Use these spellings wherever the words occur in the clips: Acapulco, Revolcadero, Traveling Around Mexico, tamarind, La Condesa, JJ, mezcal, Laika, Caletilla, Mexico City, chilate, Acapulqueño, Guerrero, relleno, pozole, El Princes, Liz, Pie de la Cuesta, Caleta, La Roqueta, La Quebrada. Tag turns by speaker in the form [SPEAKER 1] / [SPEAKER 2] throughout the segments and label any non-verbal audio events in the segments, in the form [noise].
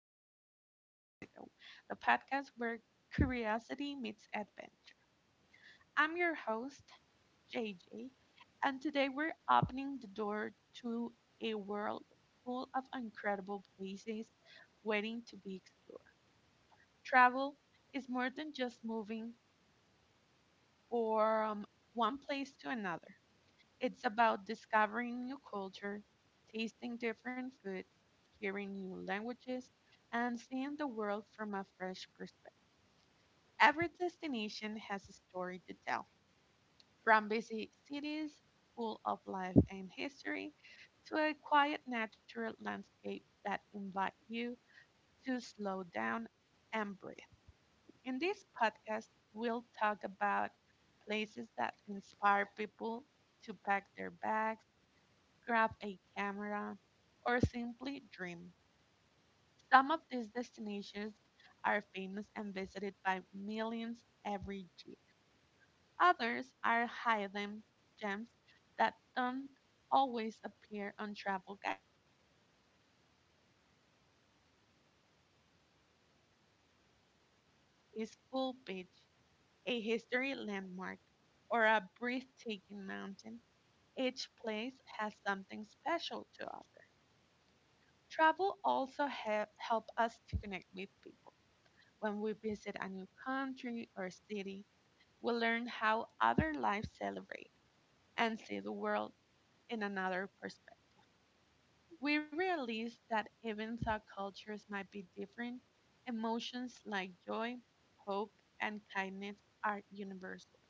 [SPEAKER 1] Around Mexico, the podcast where curiosity meets adventure. I'm your host, JJ, and today we're opening the door to a world full of incredible places waiting to be explored. Travel is more than just moving from one place to another. It's about discovering new culture, tasting different foods, hearing new languages, and seeing the world from a fresh perspective. Every destination has a story to tell, from busy cities full of life and history to a quiet natural landscape that invite you to slow down and breathe. In this podcast, we'll talk about places that inspire people to pack their bags, grab a camera, or simply dream. Some of these destinations are famous and visited by millions every year. Others are hidden gems that don't always appear on travel guides, but are just as magical. Whether it's a colorful city, a peaceful beach, a history landmark, or a breathtaking mountain, each place has something special to offer. Travel also help us to connect with people. When we visit a new country or city, we learn how other lives celebrate and see the world in another perspective. We realize that even though cultures might be different, emotions like joy, hope, and kindness are universal.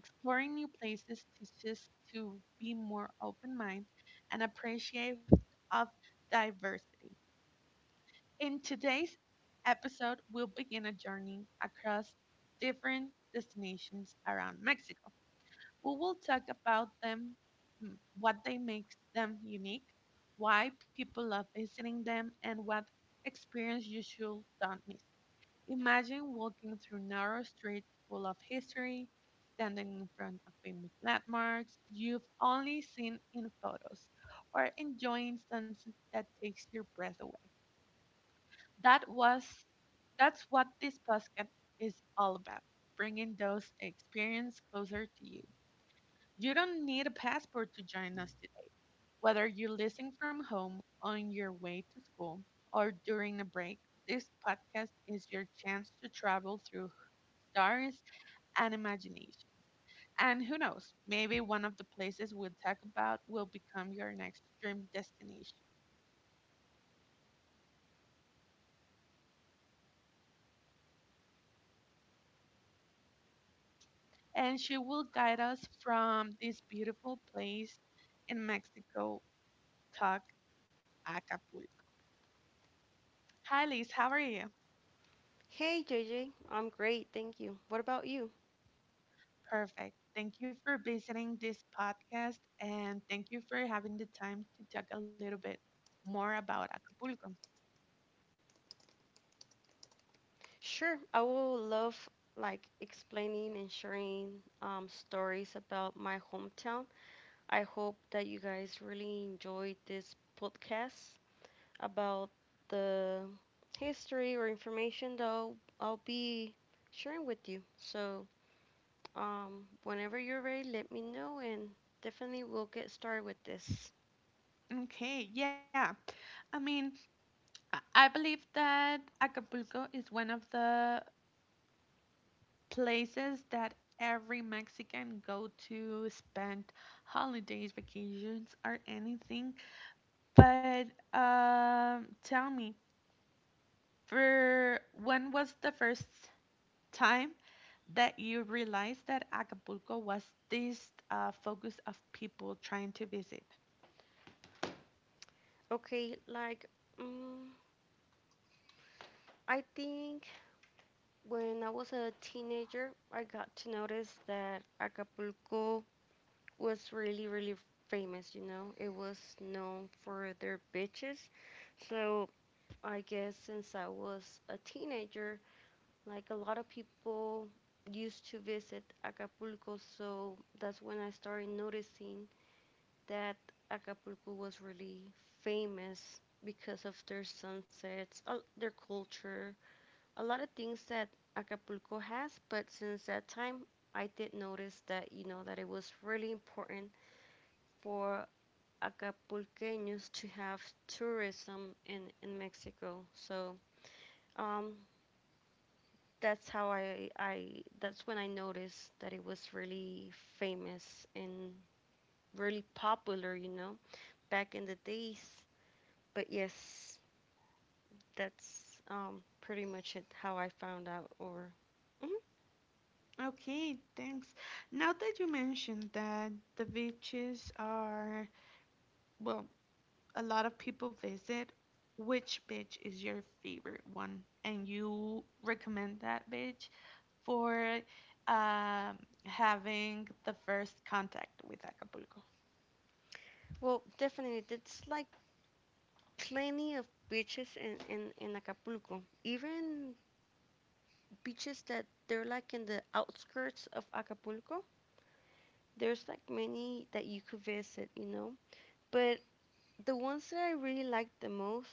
[SPEAKER 1] Exploring new places teaches us to be more open minded and appreciative of diversity. In today's episode, we'll begin a journey across different destinations around Mexico. We will talk about them, what they makes them unique, why people love visiting them, and what experience you should don't miss. Imagine walking through narrow streets full of history, standing in front of famous landmarks you've only seen in photos, or enjoying sunset that takes your breath away. that was that's what this podcast is all about, bringing those experiences closer to you. You don't need a passport to join us today, whether you're listening from home, on your way to school, or during a break. This podcast is your chance to travel through stars and imagination, and who knows, maybe one of the places we'll talk about will become your next dream destination. So get comfortable, relax, and let your mind travel. This is my guest, Liz, and she will guide us from this beautiful place in Mexico, Talk Acapulco. Hi, Liz, how are you?
[SPEAKER 2] Hey J am great, thank you. What about you?
[SPEAKER 1] Perfect. Thank you for visiting this podcast and thank you for having the time to talk a little bit more about Acapulco.
[SPEAKER 2] Sure, I will love like explaining and sharing stories about my hometown. I hope that you guys really enjoyed this podcast about the history or information that I'll be sharing with you. So, whenever you're ready, let me know and definitely we'll get started with this.
[SPEAKER 1] Okay, yeah. I mean, I believe that Acapulco is one of the places that every Mexican go to spend holidays, vacations, or anything. But tell me, for when was the first time that you realized that Acapulco was this focus of people trying to visit?
[SPEAKER 2] Okay, like, um, I think when I was a teenager, I got to notice that Acapulco was really, really famous, you know? It was known for their beaches. So I guess since I was a teenager, like a lot of people used to visit Acapulco. So that's when I started noticing that Acapulco was really famous because of their sunsets, their culture, a lot of things that Acapulco has, but since that time, I did notice that, you know, that it was really important for Acapulqueños to have tourism in Mexico. So, um, that's that's when I noticed that it was really famous and really popular, you know, back in the days. But yes, that's pretty much it how I found out or. Mhm.
[SPEAKER 1] Okay, thanks. Now that you mentioned that the beaches are, well, a lot of people visit, which beach is your favorite one, and you recommend that beach for um, having the first contact with Acapulco.
[SPEAKER 2] Well, definitely, it's like plenty of beaches in Acapulco. Even beaches that they're like in the outskirts of Acapulco, there's like many that you could visit, you know. But the ones that I really like the most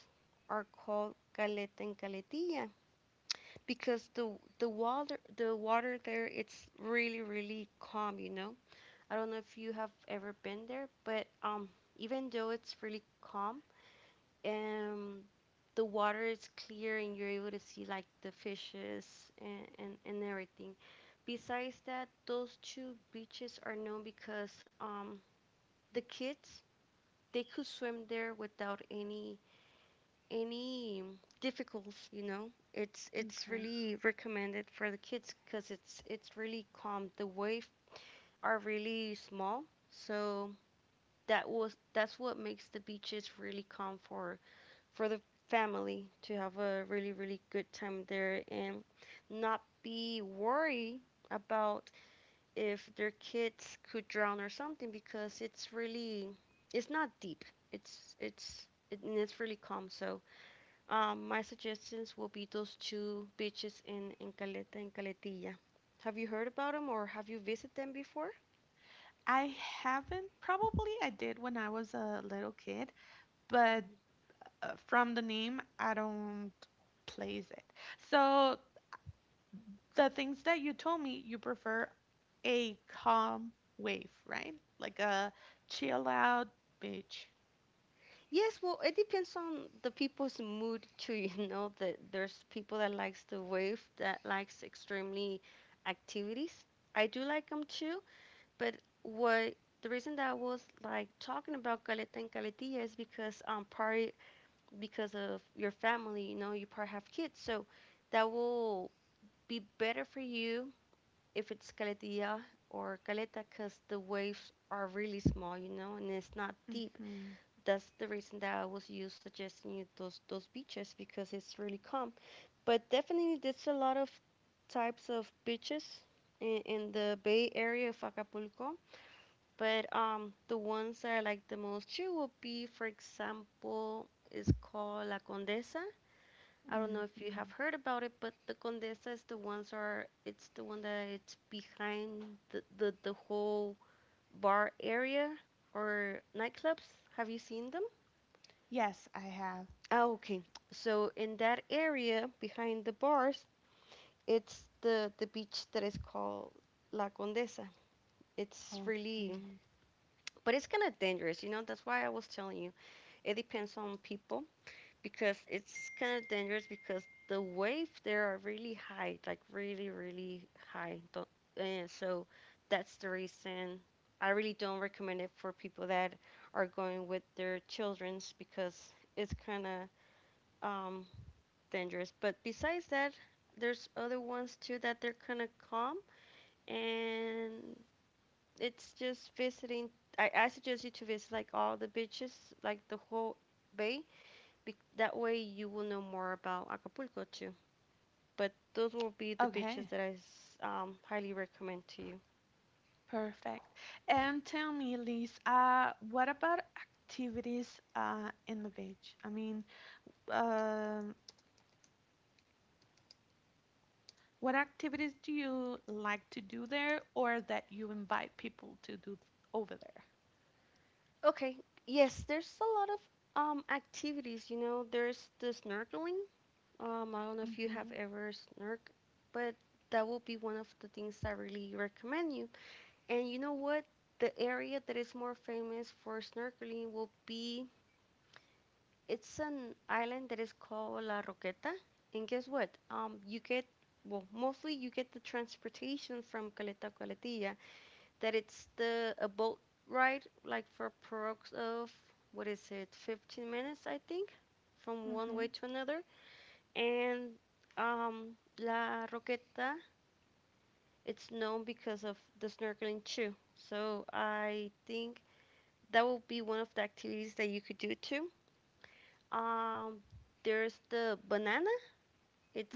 [SPEAKER 2] are called Caleta and Caletilla because the water there it's really really calm, you know. I don't know if you have ever been there, but even though it's really calm, um the water is clear and you're able to see like the fishes and everything. Besides that, those two beaches are known because the kids they could swim there without any difficulties, you know. It's
[SPEAKER 1] Okay.
[SPEAKER 2] really recommended for the kids because it's really calm. The waves are really small, so that's what makes the beaches really calm for the family to have a really, really good time there and not be worried about if their kids could drown or something because it's really it's not deep. And it's really calm. So my suggestions will be those two beaches in Caleta and Caletilla. Have you heard about them or have you visited them before?
[SPEAKER 1] I haven't, probably I did when I was a little kid, but from the name, I don't place it. So the things that you told me, you prefer a calm wave, right? Like a chill out beach.
[SPEAKER 2] Yes, well, it depends on the people's mood too. [laughs] You know that there's people that likes the wave, that likes extremely activities. I do like them too, but what the reason that I was like talking about Caleta and Caletilla is because part because of your family, you know, you part have kids, so that will be better for you if it's Caletilla or cause the waves are really small, you know, and it's not deep
[SPEAKER 1] Mhm.
[SPEAKER 2] that's the reason that I was you suggesting you those beaches because it's really calm. But definitely, there's a lot of types of beaches in the Bay Area of Acapulco. But the ones that I like the most here would be, for example, is called La Condesa. I don't know if you have
[SPEAKER 1] Mhm.
[SPEAKER 2] heard about it, but the Condesa is the ones are it's the one that it's behind the whole bar area or nightclubs. Have you seen them?
[SPEAKER 1] Yes, I have.
[SPEAKER 2] Ah, okay. So in that area behind the bars, it's the beach that is called La Condesa. It's really,
[SPEAKER 1] Okay.
[SPEAKER 2] but it's kind of dangerous, you know. That's why I was telling you it depends on people because it's kind of dangerous because the waves there are really high, like really, really high. Don't, and so that's the reason I really don't recommend it for people that are going with their childrens because it's kind of um, dangerous. But besides that, there's other ones too that they're kind of calm, and it's just visiting. I suggest you to visit like all the beaches, like the whole bay. That way you will know more about Acapulco too. But those will be the beaches
[SPEAKER 1] Okay.
[SPEAKER 2] that I highly recommend to you.
[SPEAKER 1] Perfect. And tell me, Liz, what about activities in the beach? I mean, um, what activities do you like to do there or that you invite people to do over there?
[SPEAKER 2] Okay, yes, there's a lot of activities. You know, there's the snorkeling. I don't know if you have ever snorkeled, but that will be one of the things I really recommend you. And you know what? The area that is more famous for snorkeling will be it's an island that is called La Roqueta. And guess what? You get well, mostly you get the transportation from Caleta Caletilla. That it's the a boat ride, like for approx of what is it, 15 minutes, I think, from one way
[SPEAKER 1] Mm-hmm.
[SPEAKER 2] to another. And um, La Roqueta, it's known because of the snorkeling too. So I think that will be one of the activities that you could do too. Um, there's the banana.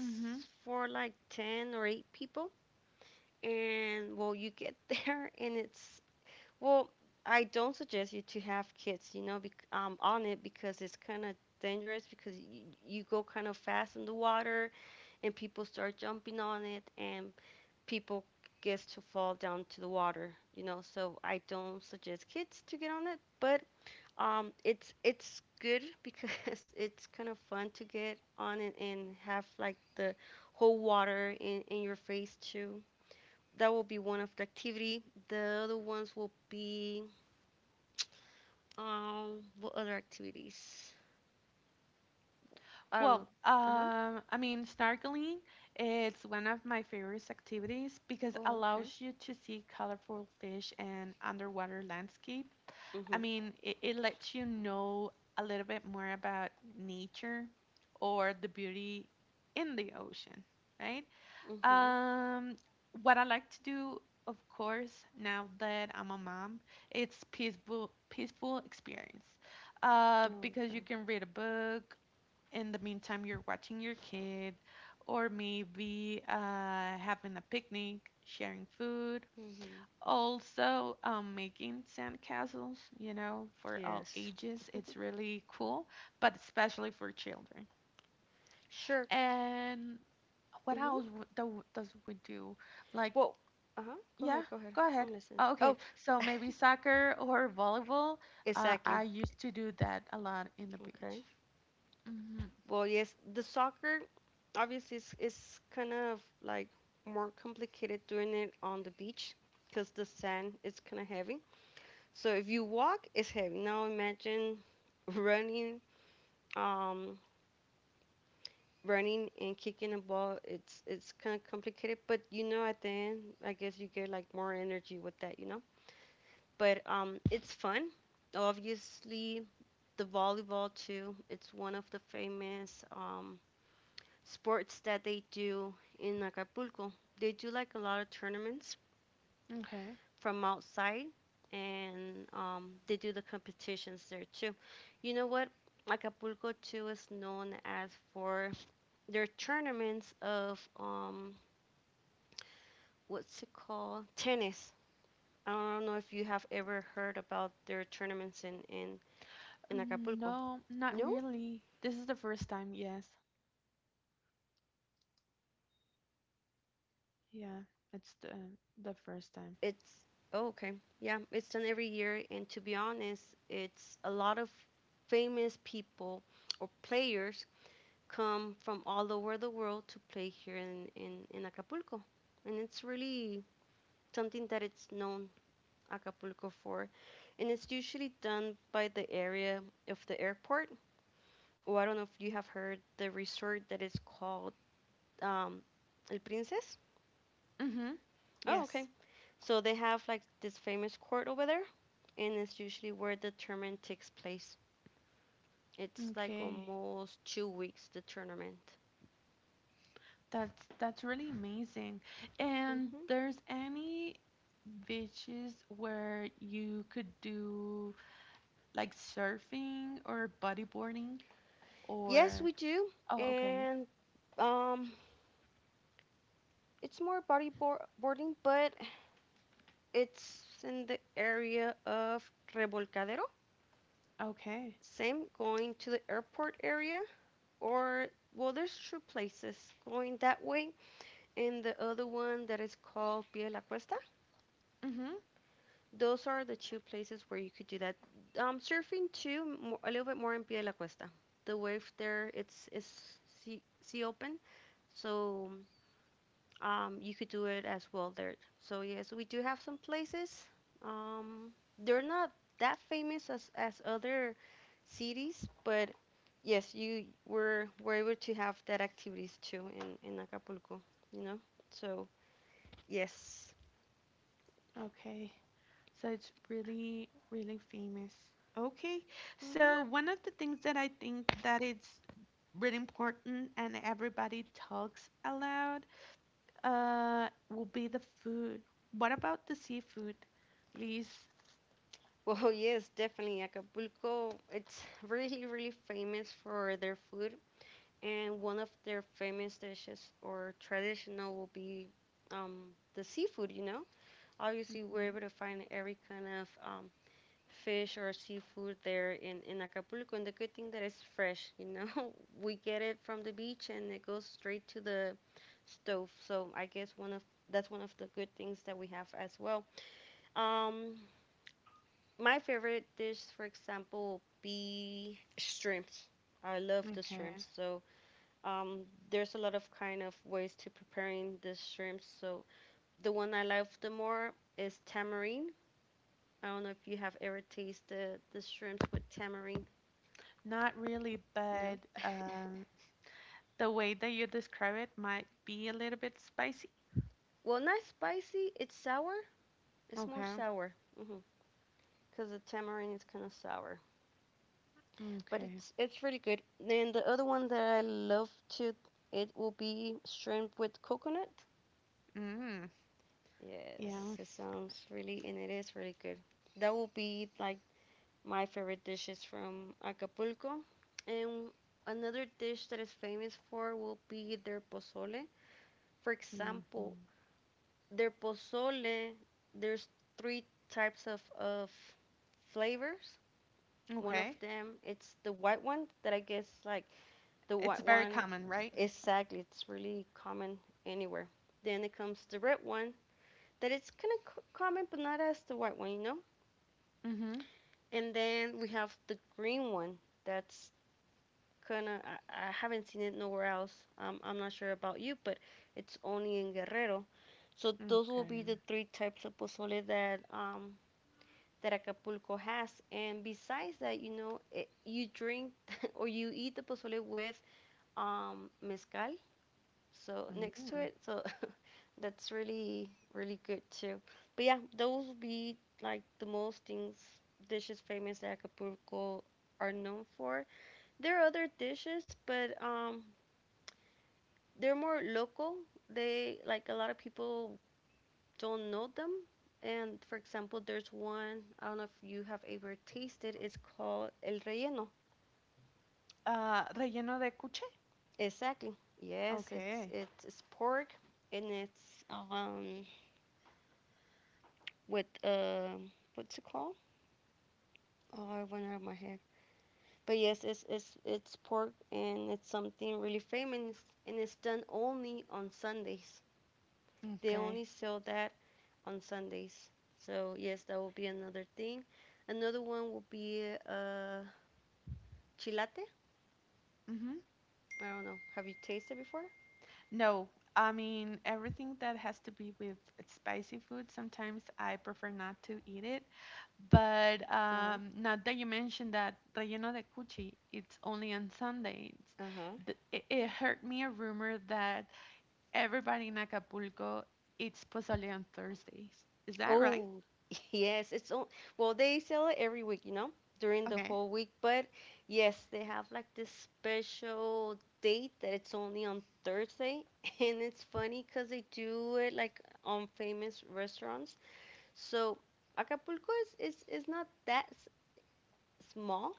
[SPEAKER 1] Mm-hmm.
[SPEAKER 2] for like 10 or 8 people. And well, you get [laughs] there and it's, well, I don't suggest you to have kids, you know, bec on it because it's kind of dangerous because y you go kind of fast in the water and people start jumping on it and people gets to fall down to the water, you know, so I don't suggest kids to get on it, but it's good because [laughs] it's kind of fun to get on and have like the whole water in your face too. That will be one of the activity. The other ones will be what other activities? I don't know.
[SPEAKER 1] Well,
[SPEAKER 2] Uh huh.
[SPEAKER 1] I mean, snorkeling, it's one of my favorite activities because
[SPEAKER 2] Oh, okay.
[SPEAKER 1] allows you to see colorful fish and underwater landscape. I
[SPEAKER 2] Mhm.
[SPEAKER 1] mean, it lets you know a little bit more about nature or the beauty in the ocean, right?
[SPEAKER 2] Mhm.
[SPEAKER 1] Um, what I like to do, of course, now that I'm a mom, it's peaceful experience.
[SPEAKER 2] Oh,
[SPEAKER 1] Because
[SPEAKER 2] okay.
[SPEAKER 1] you can read a book in the meantime you're watching your kid, or maybe having a picnic sharing food,
[SPEAKER 2] Mhm.
[SPEAKER 1] also making sandcastles, for all
[SPEAKER 2] Yes.
[SPEAKER 1] ages it's
[SPEAKER 2] [laughs]
[SPEAKER 1] really cool, but especially for children.
[SPEAKER 2] Sure.
[SPEAKER 1] And what
[SPEAKER 2] Mhm.
[SPEAKER 1] else does we do, like,
[SPEAKER 2] Well. Uh huh. Go
[SPEAKER 1] yeah,
[SPEAKER 2] ahead. Go ahead.
[SPEAKER 1] go ahead.
[SPEAKER 2] I'm listening.
[SPEAKER 1] Oh, okay,
[SPEAKER 2] Oh.
[SPEAKER 1] so
[SPEAKER 2] [laughs]
[SPEAKER 1] maybe soccer or volleyball.
[SPEAKER 2] Exactly.
[SPEAKER 1] I used to do that a lot in the beach.
[SPEAKER 2] Okay.
[SPEAKER 1] Hmm
[SPEAKER 2] Well, yes, the soccer obviously is kind of like more complicated doing it on the beach because the sand is kind of heavy. So if you walk, it's heavy. Now imagine [laughs] running, um, running and kicking a ball. It's kind of complicated, but you know at the end, I guess you get like more energy with that, you know. But it's fun. Obviously, the volleyball too. It's one of the famous sports that they do in Acapulco. They do like a lot of tournaments
[SPEAKER 1] okay.
[SPEAKER 2] from outside, and they do the competitions there too. You know what? Acapulco too is known as for their tournaments of what's it called? Tennis. I don't know if you have ever heard about their tournaments in
[SPEAKER 1] Mm,
[SPEAKER 2] Acapulco.
[SPEAKER 1] no, not
[SPEAKER 2] No?
[SPEAKER 1] really. This is the first time, yes.
[SPEAKER 2] Wow. No, it's something that it's done every year
[SPEAKER 1] Yeah,
[SPEAKER 2] and
[SPEAKER 1] it's the first time.
[SPEAKER 2] it's oh, okay. Yeah, it's done every year, and to be honest, it's a lot of famous people or players come from all over the world to play here in Acapulco. And it's really something that it's known Acapulco for. And it's usually done by the area of the airport. Oh, I don't know if you have heard the resort that is called um, El Princes.
[SPEAKER 1] Mm-hmm.
[SPEAKER 2] Oh, okay.
[SPEAKER 1] Yes.
[SPEAKER 2] So they have like this famous court over there and it's usually where the tournament takes place. It's like
[SPEAKER 1] Okay.
[SPEAKER 2] almost 2 weeks the tournament.
[SPEAKER 1] That's really amazing. And
[SPEAKER 2] Hmm.
[SPEAKER 1] there's any beaches where you could do like surfing or bodyboarding,
[SPEAKER 2] Yes,
[SPEAKER 1] or
[SPEAKER 2] we do,
[SPEAKER 1] oh, okay.
[SPEAKER 2] and um, it's more bodyboarding, but it's in the area of Revolcadero.
[SPEAKER 1] Okay.
[SPEAKER 2] Same going to the airport area, or well, there's two places going that way, and the other one that is called Pie de la Cuesta. Those are the two places where you could do that. Surfing too, a little bit more in Pie de la Cuesta. The wave there, it's sea open, so you could do it as well there. So yes, yeah, so we do have some places. Um, they're not that famous as other cities, but yes, you were able to have that activities too in Acapulco. You know, so yes.
[SPEAKER 1] Okay. So it's really, really famous. Okay.
[SPEAKER 2] Hmm.
[SPEAKER 1] So one of the things that I think that it's really important and everybody talks aloud will be the food. What about the seafood, Liz?
[SPEAKER 2] Well, [laughs] yes, definitely. Acapulco, it's really, really famous for their food, and one of their famous dishes or traditional will be um, the seafood, you know? Obviously, we're
[SPEAKER 1] Mm,
[SPEAKER 2] able to find every kind of fish or seafood there in Acapulco, and the good thing that it's fresh, you know? [laughs] We get it from the beach and it goes straight to the stove, so I guess one of that's one of the good things that we have as well. Um, my favorite dish, for example, will be shrimps. I love the
[SPEAKER 1] okay.
[SPEAKER 2] shrimps. So um, there's a lot of kind of ways to preparing the shrimps. So the one I love the more is tamarind. I don't know if you have ever tasted the shrimps with tamarind.
[SPEAKER 1] Not really, but
[SPEAKER 2] No. [laughs]
[SPEAKER 1] the way that you describe it might be a little bit spicy.
[SPEAKER 2] Well, not spicy. It's sour. It's more
[SPEAKER 1] Okay.
[SPEAKER 2] sour. Mhm. Cause the tamarind is kind of sour, but
[SPEAKER 1] Okay.
[SPEAKER 2] it's really good. Then the other one that I love to it will be shrimp with coconut.
[SPEAKER 1] Mm.
[SPEAKER 2] Yes,
[SPEAKER 1] Yeah.
[SPEAKER 2] it sounds really, and it is really good. That will be like my favorite dishes from Acapulco. And another dish that is famous for will be their pozole. For example,
[SPEAKER 1] hmm
[SPEAKER 2] their pozole, there's three types of flavors. One of
[SPEAKER 1] Okay.
[SPEAKER 2] them, it's the white one that I guess like the
[SPEAKER 1] It's
[SPEAKER 2] white
[SPEAKER 1] very
[SPEAKER 2] one.
[SPEAKER 1] common, right?
[SPEAKER 2] Exactly, it's really common anywhere. Then it comes the red one that it's kind of common, but not as the white one, you know.
[SPEAKER 1] Mhm.
[SPEAKER 2] And then we have the green one. That's kind of I haven't seen it nowhere else. I'm not sure about you, but it's only in Guerrero. So those will be
[SPEAKER 1] Okay.
[SPEAKER 2] the three types of pozole that that Acapulco has. And besides that, you drink [laughs] or you eat the pozole with mezcal so next to
[SPEAKER 1] Mm.
[SPEAKER 2] it so [laughs] that's really really good too. But yeah, those would be like the most things, dishes famous that Acapulco are known for. There are other dishes but they're more local. They, like a lot of people don't know them. And for example there's one, I don't know if you have ever tasted, it's called el relleno.
[SPEAKER 1] Relleno de cuche?
[SPEAKER 2] Exactly. Yes,
[SPEAKER 1] Okay.
[SPEAKER 2] it's pork and it's with what's it called? Oh, I went out of my head. But yes, it's pork and it's something really famous and it's done only on Sundays. They
[SPEAKER 1] Okay.
[SPEAKER 2] only sell that on Sundays. So yes, that will be another thing. Another one will be uh chilate.
[SPEAKER 1] Mhm.
[SPEAKER 2] I don't know. Have you tasted before?
[SPEAKER 1] No, I mean everything that has to be with spicy food, sometimes I prefer not to eat it. But
[SPEAKER 2] Uh huh.
[SPEAKER 1] now that you mentioned that relleno de cuchi, it's only on Sundays.
[SPEAKER 2] Uh huh.
[SPEAKER 1] It hurt me a rumor that everybody in Acapulco eats pozole on Thursdays. Is that right?
[SPEAKER 2] Oh, [laughs] yes, it's on. Well, they sell it every week, you know, during the
[SPEAKER 1] Okay.
[SPEAKER 2] whole week. But yes, they have like this special date that it's only on Thursday, [laughs] and it's funny because they do it like on famous restaurants. So Acapulco is not that small,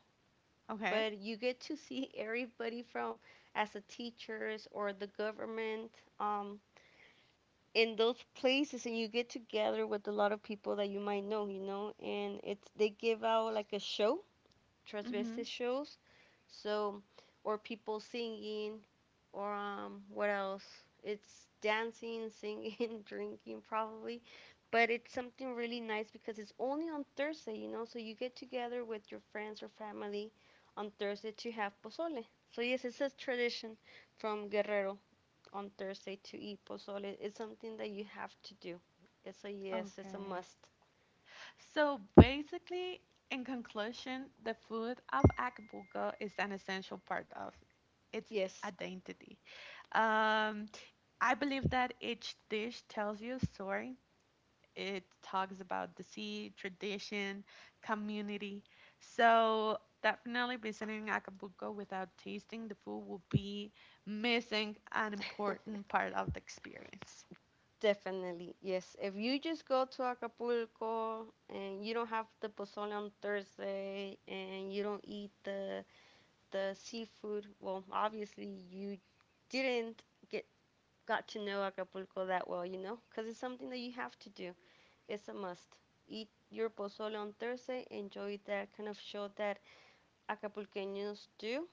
[SPEAKER 1] Okay.
[SPEAKER 2] but you get to see [laughs] everybody from as a teachers or the government. Um, in those places and you get together with a lot of people that you might know, you know, and it's they give out like a show,
[SPEAKER 1] Mhm.
[SPEAKER 2] transvestite shows, so, or people singing, or what else? It's dancing, singing, [laughs] drinking probably, but it's something really nice because it's only on Thursday, you know, so you get together with your friends or family on Thursday to have pozole. So yes, it's a tradition from Guerrero on Thursday to eat pozole. It's something that you have to do. It's a it's a
[SPEAKER 1] Okay.
[SPEAKER 2] must.
[SPEAKER 1] So basically, in conclusion, the food of Acapulco is an essential part of its
[SPEAKER 2] Yes,
[SPEAKER 1] identity. Um, I believe that each dish tells you a story. It talks about the sea, tradition, community. So definitely visiting Acapulco without tasting the food will be missing an
[SPEAKER 2] [laughs]
[SPEAKER 1] important part of the experience.
[SPEAKER 2] definitely. Yes. If you just go to Acapulco and you don't have the pozole on Thursday and you don't eat the seafood, well, obviously you didn't get got to know Acapulco that well, you know, because it's something that you have to do. It's a must. Eat your pozole on Thursday. Enjoy that kind of show that Acapulqueños do.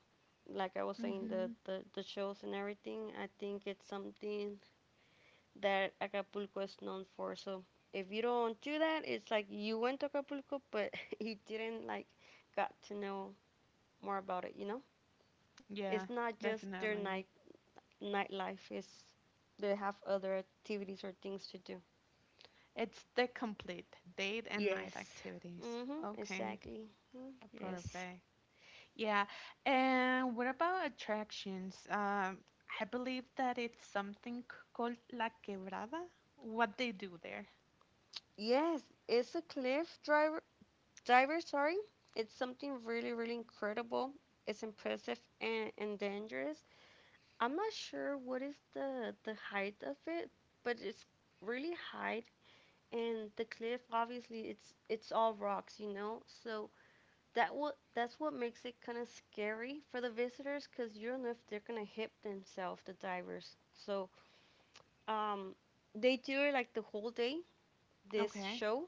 [SPEAKER 2] Like I was saying,
[SPEAKER 1] Hmm
[SPEAKER 2] the shows and everything, I think it's something that Acapulco is known for. So if you don't do that, it's like you went to Acapulco, but [laughs] you didn't like got to know more about it. You know,
[SPEAKER 1] Yeah,
[SPEAKER 2] it's not just their
[SPEAKER 1] definitely.
[SPEAKER 2] nightlife. It's they have other activities or things to do.
[SPEAKER 1] It's the complete date and
[SPEAKER 2] Yes.
[SPEAKER 1] night activities.
[SPEAKER 2] Mhm.
[SPEAKER 1] Okay,
[SPEAKER 2] Exactly. Mm. Yes.
[SPEAKER 1] perfect. Yeah, and what about attractions? I believe that it's something called La Quebrada. What they do there.
[SPEAKER 2] Yes, it's a cliff drive, diver, sorry, it's something really really incredible. It's impressive and dangerous. I'm not sure what is the height of it, but it's really high. And the cliff obviously it's all rocks, you know, so that's what makes it kind of scary for the visitors because you don't know if they're gonna hit themselves, the divers. So um they do it like the whole day, this
[SPEAKER 1] Okay,
[SPEAKER 2] show.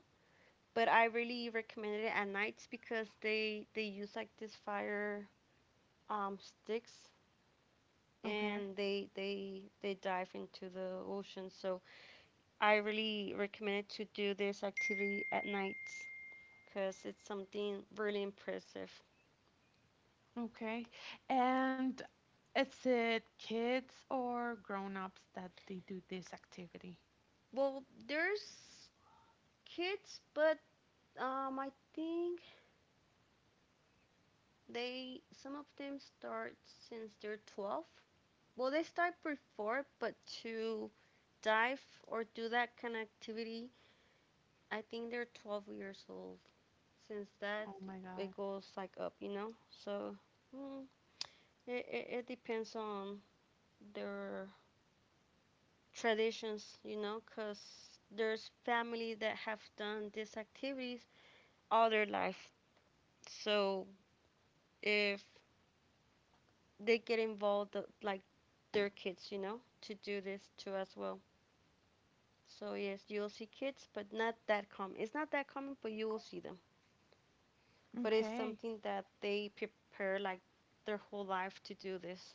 [SPEAKER 2] But I really recommend it at nights because they use like this fire sticks
[SPEAKER 1] okay,
[SPEAKER 2] and they dive into the ocean. So I really recommend it to do this activity at nights because it's something really impressive.
[SPEAKER 1] okay. And is it kids or grown-ups that they do this activity?
[SPEAKER 2] Well, there's kids, but I think they, some of them, start since they're 12. Well, they start before, but to dive or do that kind of activity I think they're 12 years old. Since that,
[SPEAKER 1] Oh my God.
[SPEAKER 2] it goes like up, you know? So, mm, it depends on their traditions, you know? Because there's family that have done these activities all their life. So, if they get involved, like their kids, you know, to do this too as well. So, yes, you'll see kids, but not that common. It's not that common, but you will see them. But it's
[SPEAKER 1] Okay.
[SPEAKER 2] something that they prepare like their whole life to do this.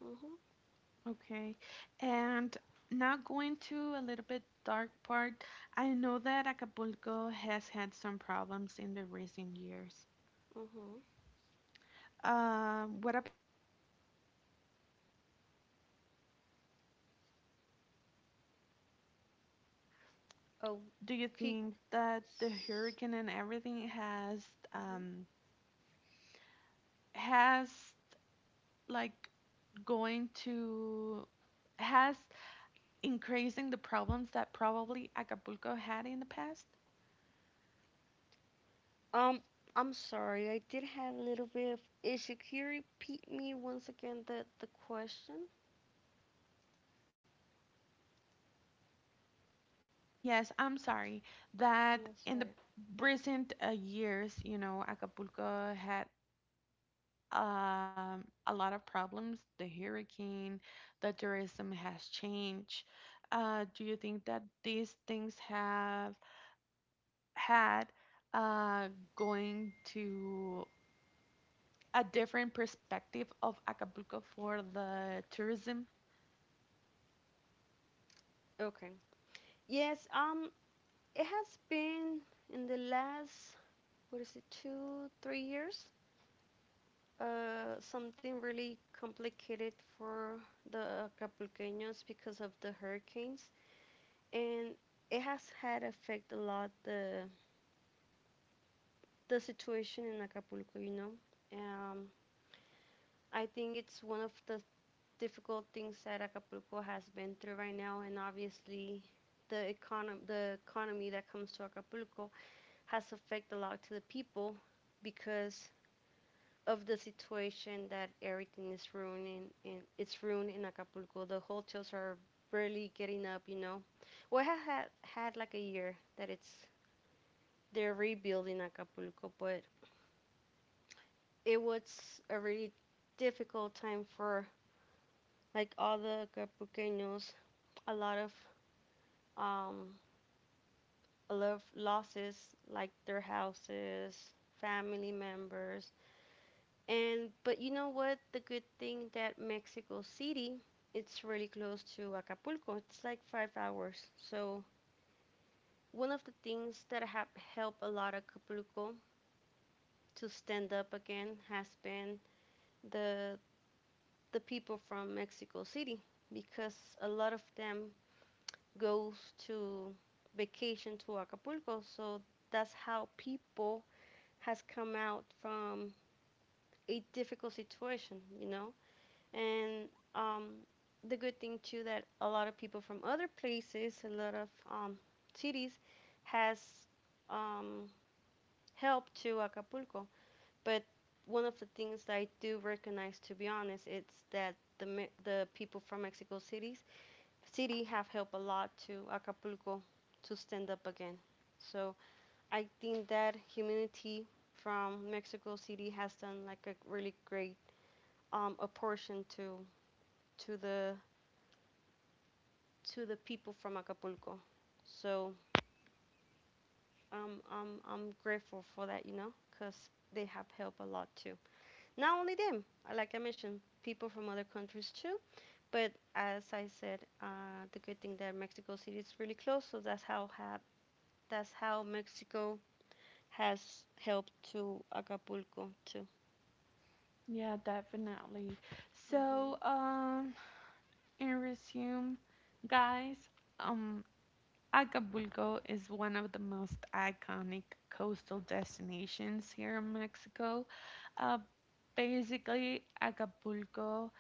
[SPEAKER 2] Mhm.
[SPEAKER 1] Okay. And now going to a little bit dark part. I know that Acapulco has had some problems in the recent years.
[SPEAKER 2] Mhm.
[SPEAKER 1] What about tourism has changed, or many people are working to improve the city? Do you
[SPEAKER 2] Okay.
[SPEAKER 1] think that the hurricane and everything
[SPEAKER 2] Mm-hmm.
[SPEAKER 1] um has like going to has increasing the problems that probably Acapulco had in the past?
[SPEAKER 2] Um, I'm sorry. I did have a little bit of issue. Can you repeat me once again the question?
[SPEAKER 1] Yes, I'm sorry that
[SPEAKER 2] That's
[SPEAKER 1] in the
[SPEAKER 2] right.
[SPEAKER 1] recent years, Acapulco had a lot of problems. The hurricane, the tourism has changed. Do you think that these things have had uh, going to a different perspective of Acapulco for the tourism?
[SPEAKER 2] Okay. Yes. It has been in the last what is it, two, three years? Something really complicated for the Acapulqueños because of the hurricanes. And it has had affect a lot the situation in Acapulco. You know, um, I think it's one of the difficult things that Acapulco has been through right now, and obviously the economy that comes to Acapulco has affect a lot to the people because of the situation that everything is ruining in it's ruined in Acapulco. The hotels are barely getting up, you know. Well, it had like a year that it's they're rebuilding Acapulco, but it was a really difficult time for like all the Acapulqueños. A lot of um, a lot of losses, like their houses, family members, and but you know what? The good thing that Mexico City, it's really close to Acapulco. It's like five hours, so. One of the things that have helped a lot of Acapulco to stand up again has been the the people from Mexico City because a lot of them goes to vacation to Acapulco. So that's how people has come out from a difficult situation, you know. And um, the good thing too that a lot of people from other places, a lot of cities, has um, helped to Acapulco. But one of the things that I do recognize, to be honest, it's that the people from Mexico cities City have helped a lot to Acapulco to stand up again. So I think that humanity from Mexico City has done like a really great apportion to to the to the people from Acapulco. So I'm grateful for that, you know, because they have helped a lot too. Not only them, like I mentioned, people from other countries too. But as I said, the good thing that Mexico City is really close, so that's how Mexico has helped to Acapulco too.
[SPEAKER 1] Yeah, definitely.
[SPEAKER 2] Mhm.
[SPEAKER 1] So, in resume, guys, um, Acapulco is one of the most iconic coastal destinations here in Mexico. Uh, Basically, Acapulco,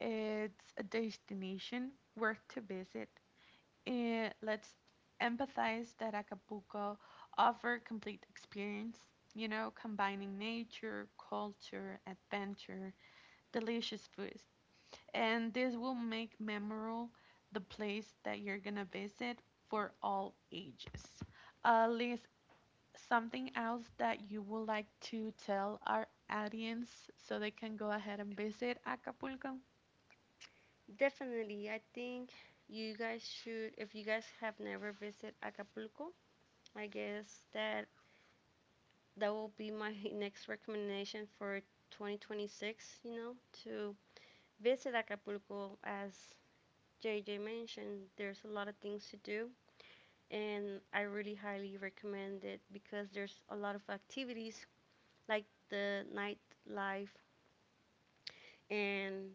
[SPEAKER 1] it's a destination worth to visit. And let's empathize that Acapulco offer complete experience, combining nature, culture, adventure delicious foods, and this will make memorable the place that you're gonna visit for all ages. Liz, something else that you would like to tell our audience so they can go ahead and visit Acapulco?
[SPEAKER 2] Definitely, I think you guys should. If you guys have never visited Acapulco, I guess that that will be my [laughs] next recommendation for 2026. You know, to visit Acapulco as JJ mentioned, there's a lot of things to do, and I really highly recommend it because there's a lot of activities like the nightlife and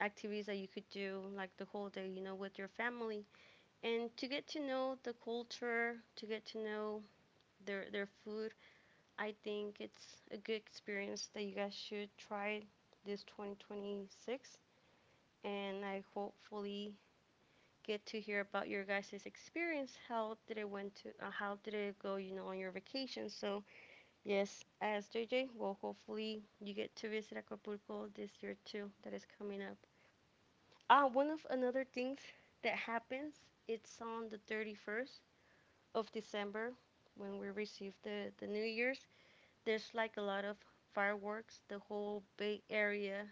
[SPEAKER 2] activities that you could do like the whole day, you know, with your family. And to get to know the culture, to get to know their food, I think it's a good experience that you guys should try this 2026. And I hopefully get to hear about your guys' experience. How did it went to? How did it go? You know, on your vacation. So yes, as J J. Well, hopefully you get to visit Acapulco this year too. That is coming up. Ah, one of another things that happens, it's on the 31st of December when we receive the New Year's. There's like a lot of fireworks. The whole Bay Area,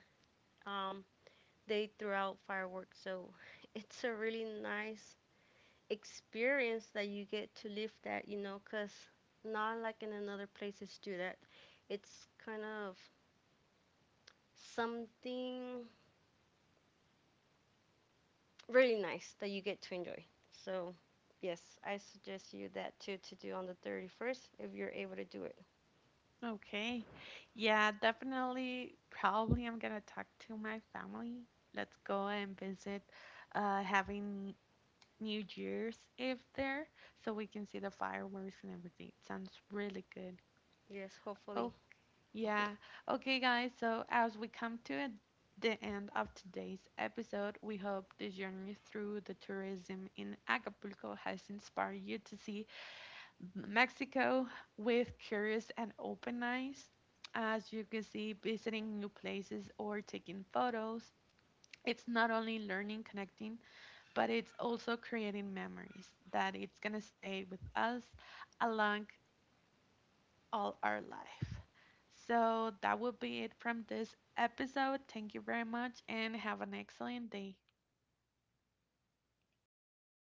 [SPEAKER 2] um, they throw out fireworks. So [laughs] it's a really nice experience that you get to live that, you know, cause not like in another places do that. It's kind of something really nice that you get to enjoy. So, yes, I suggest you that too to do on the 31st if you're able to do it.
[SPEAKER 1] Okay. Yeah, definitely. Probably I'm gonna talk to my family. Let's go and visit, having New Year's Eve there so we can see the fireworks and everything. Sounds really good.
[SPEAKER 2] Yes, hopefully.
[SPEAKER 1] Okay, yeah.
[SPEAKER 2] [laughs]
[SPEAKER 1] Okay, guys, so as we come to the end of today's episode, we hope the journey through the tourism in Acapulco has inspired you to see Mexico with curious and open eyes. As you can see, visiting new places or taking photos, it's not only learning, connecting, but it's also creating memories that it's gonna stay with us along all our life. So that would be it from this episode. Thank you very much and have an excellent day.
[SPEAKER 2] Thank you. Bye.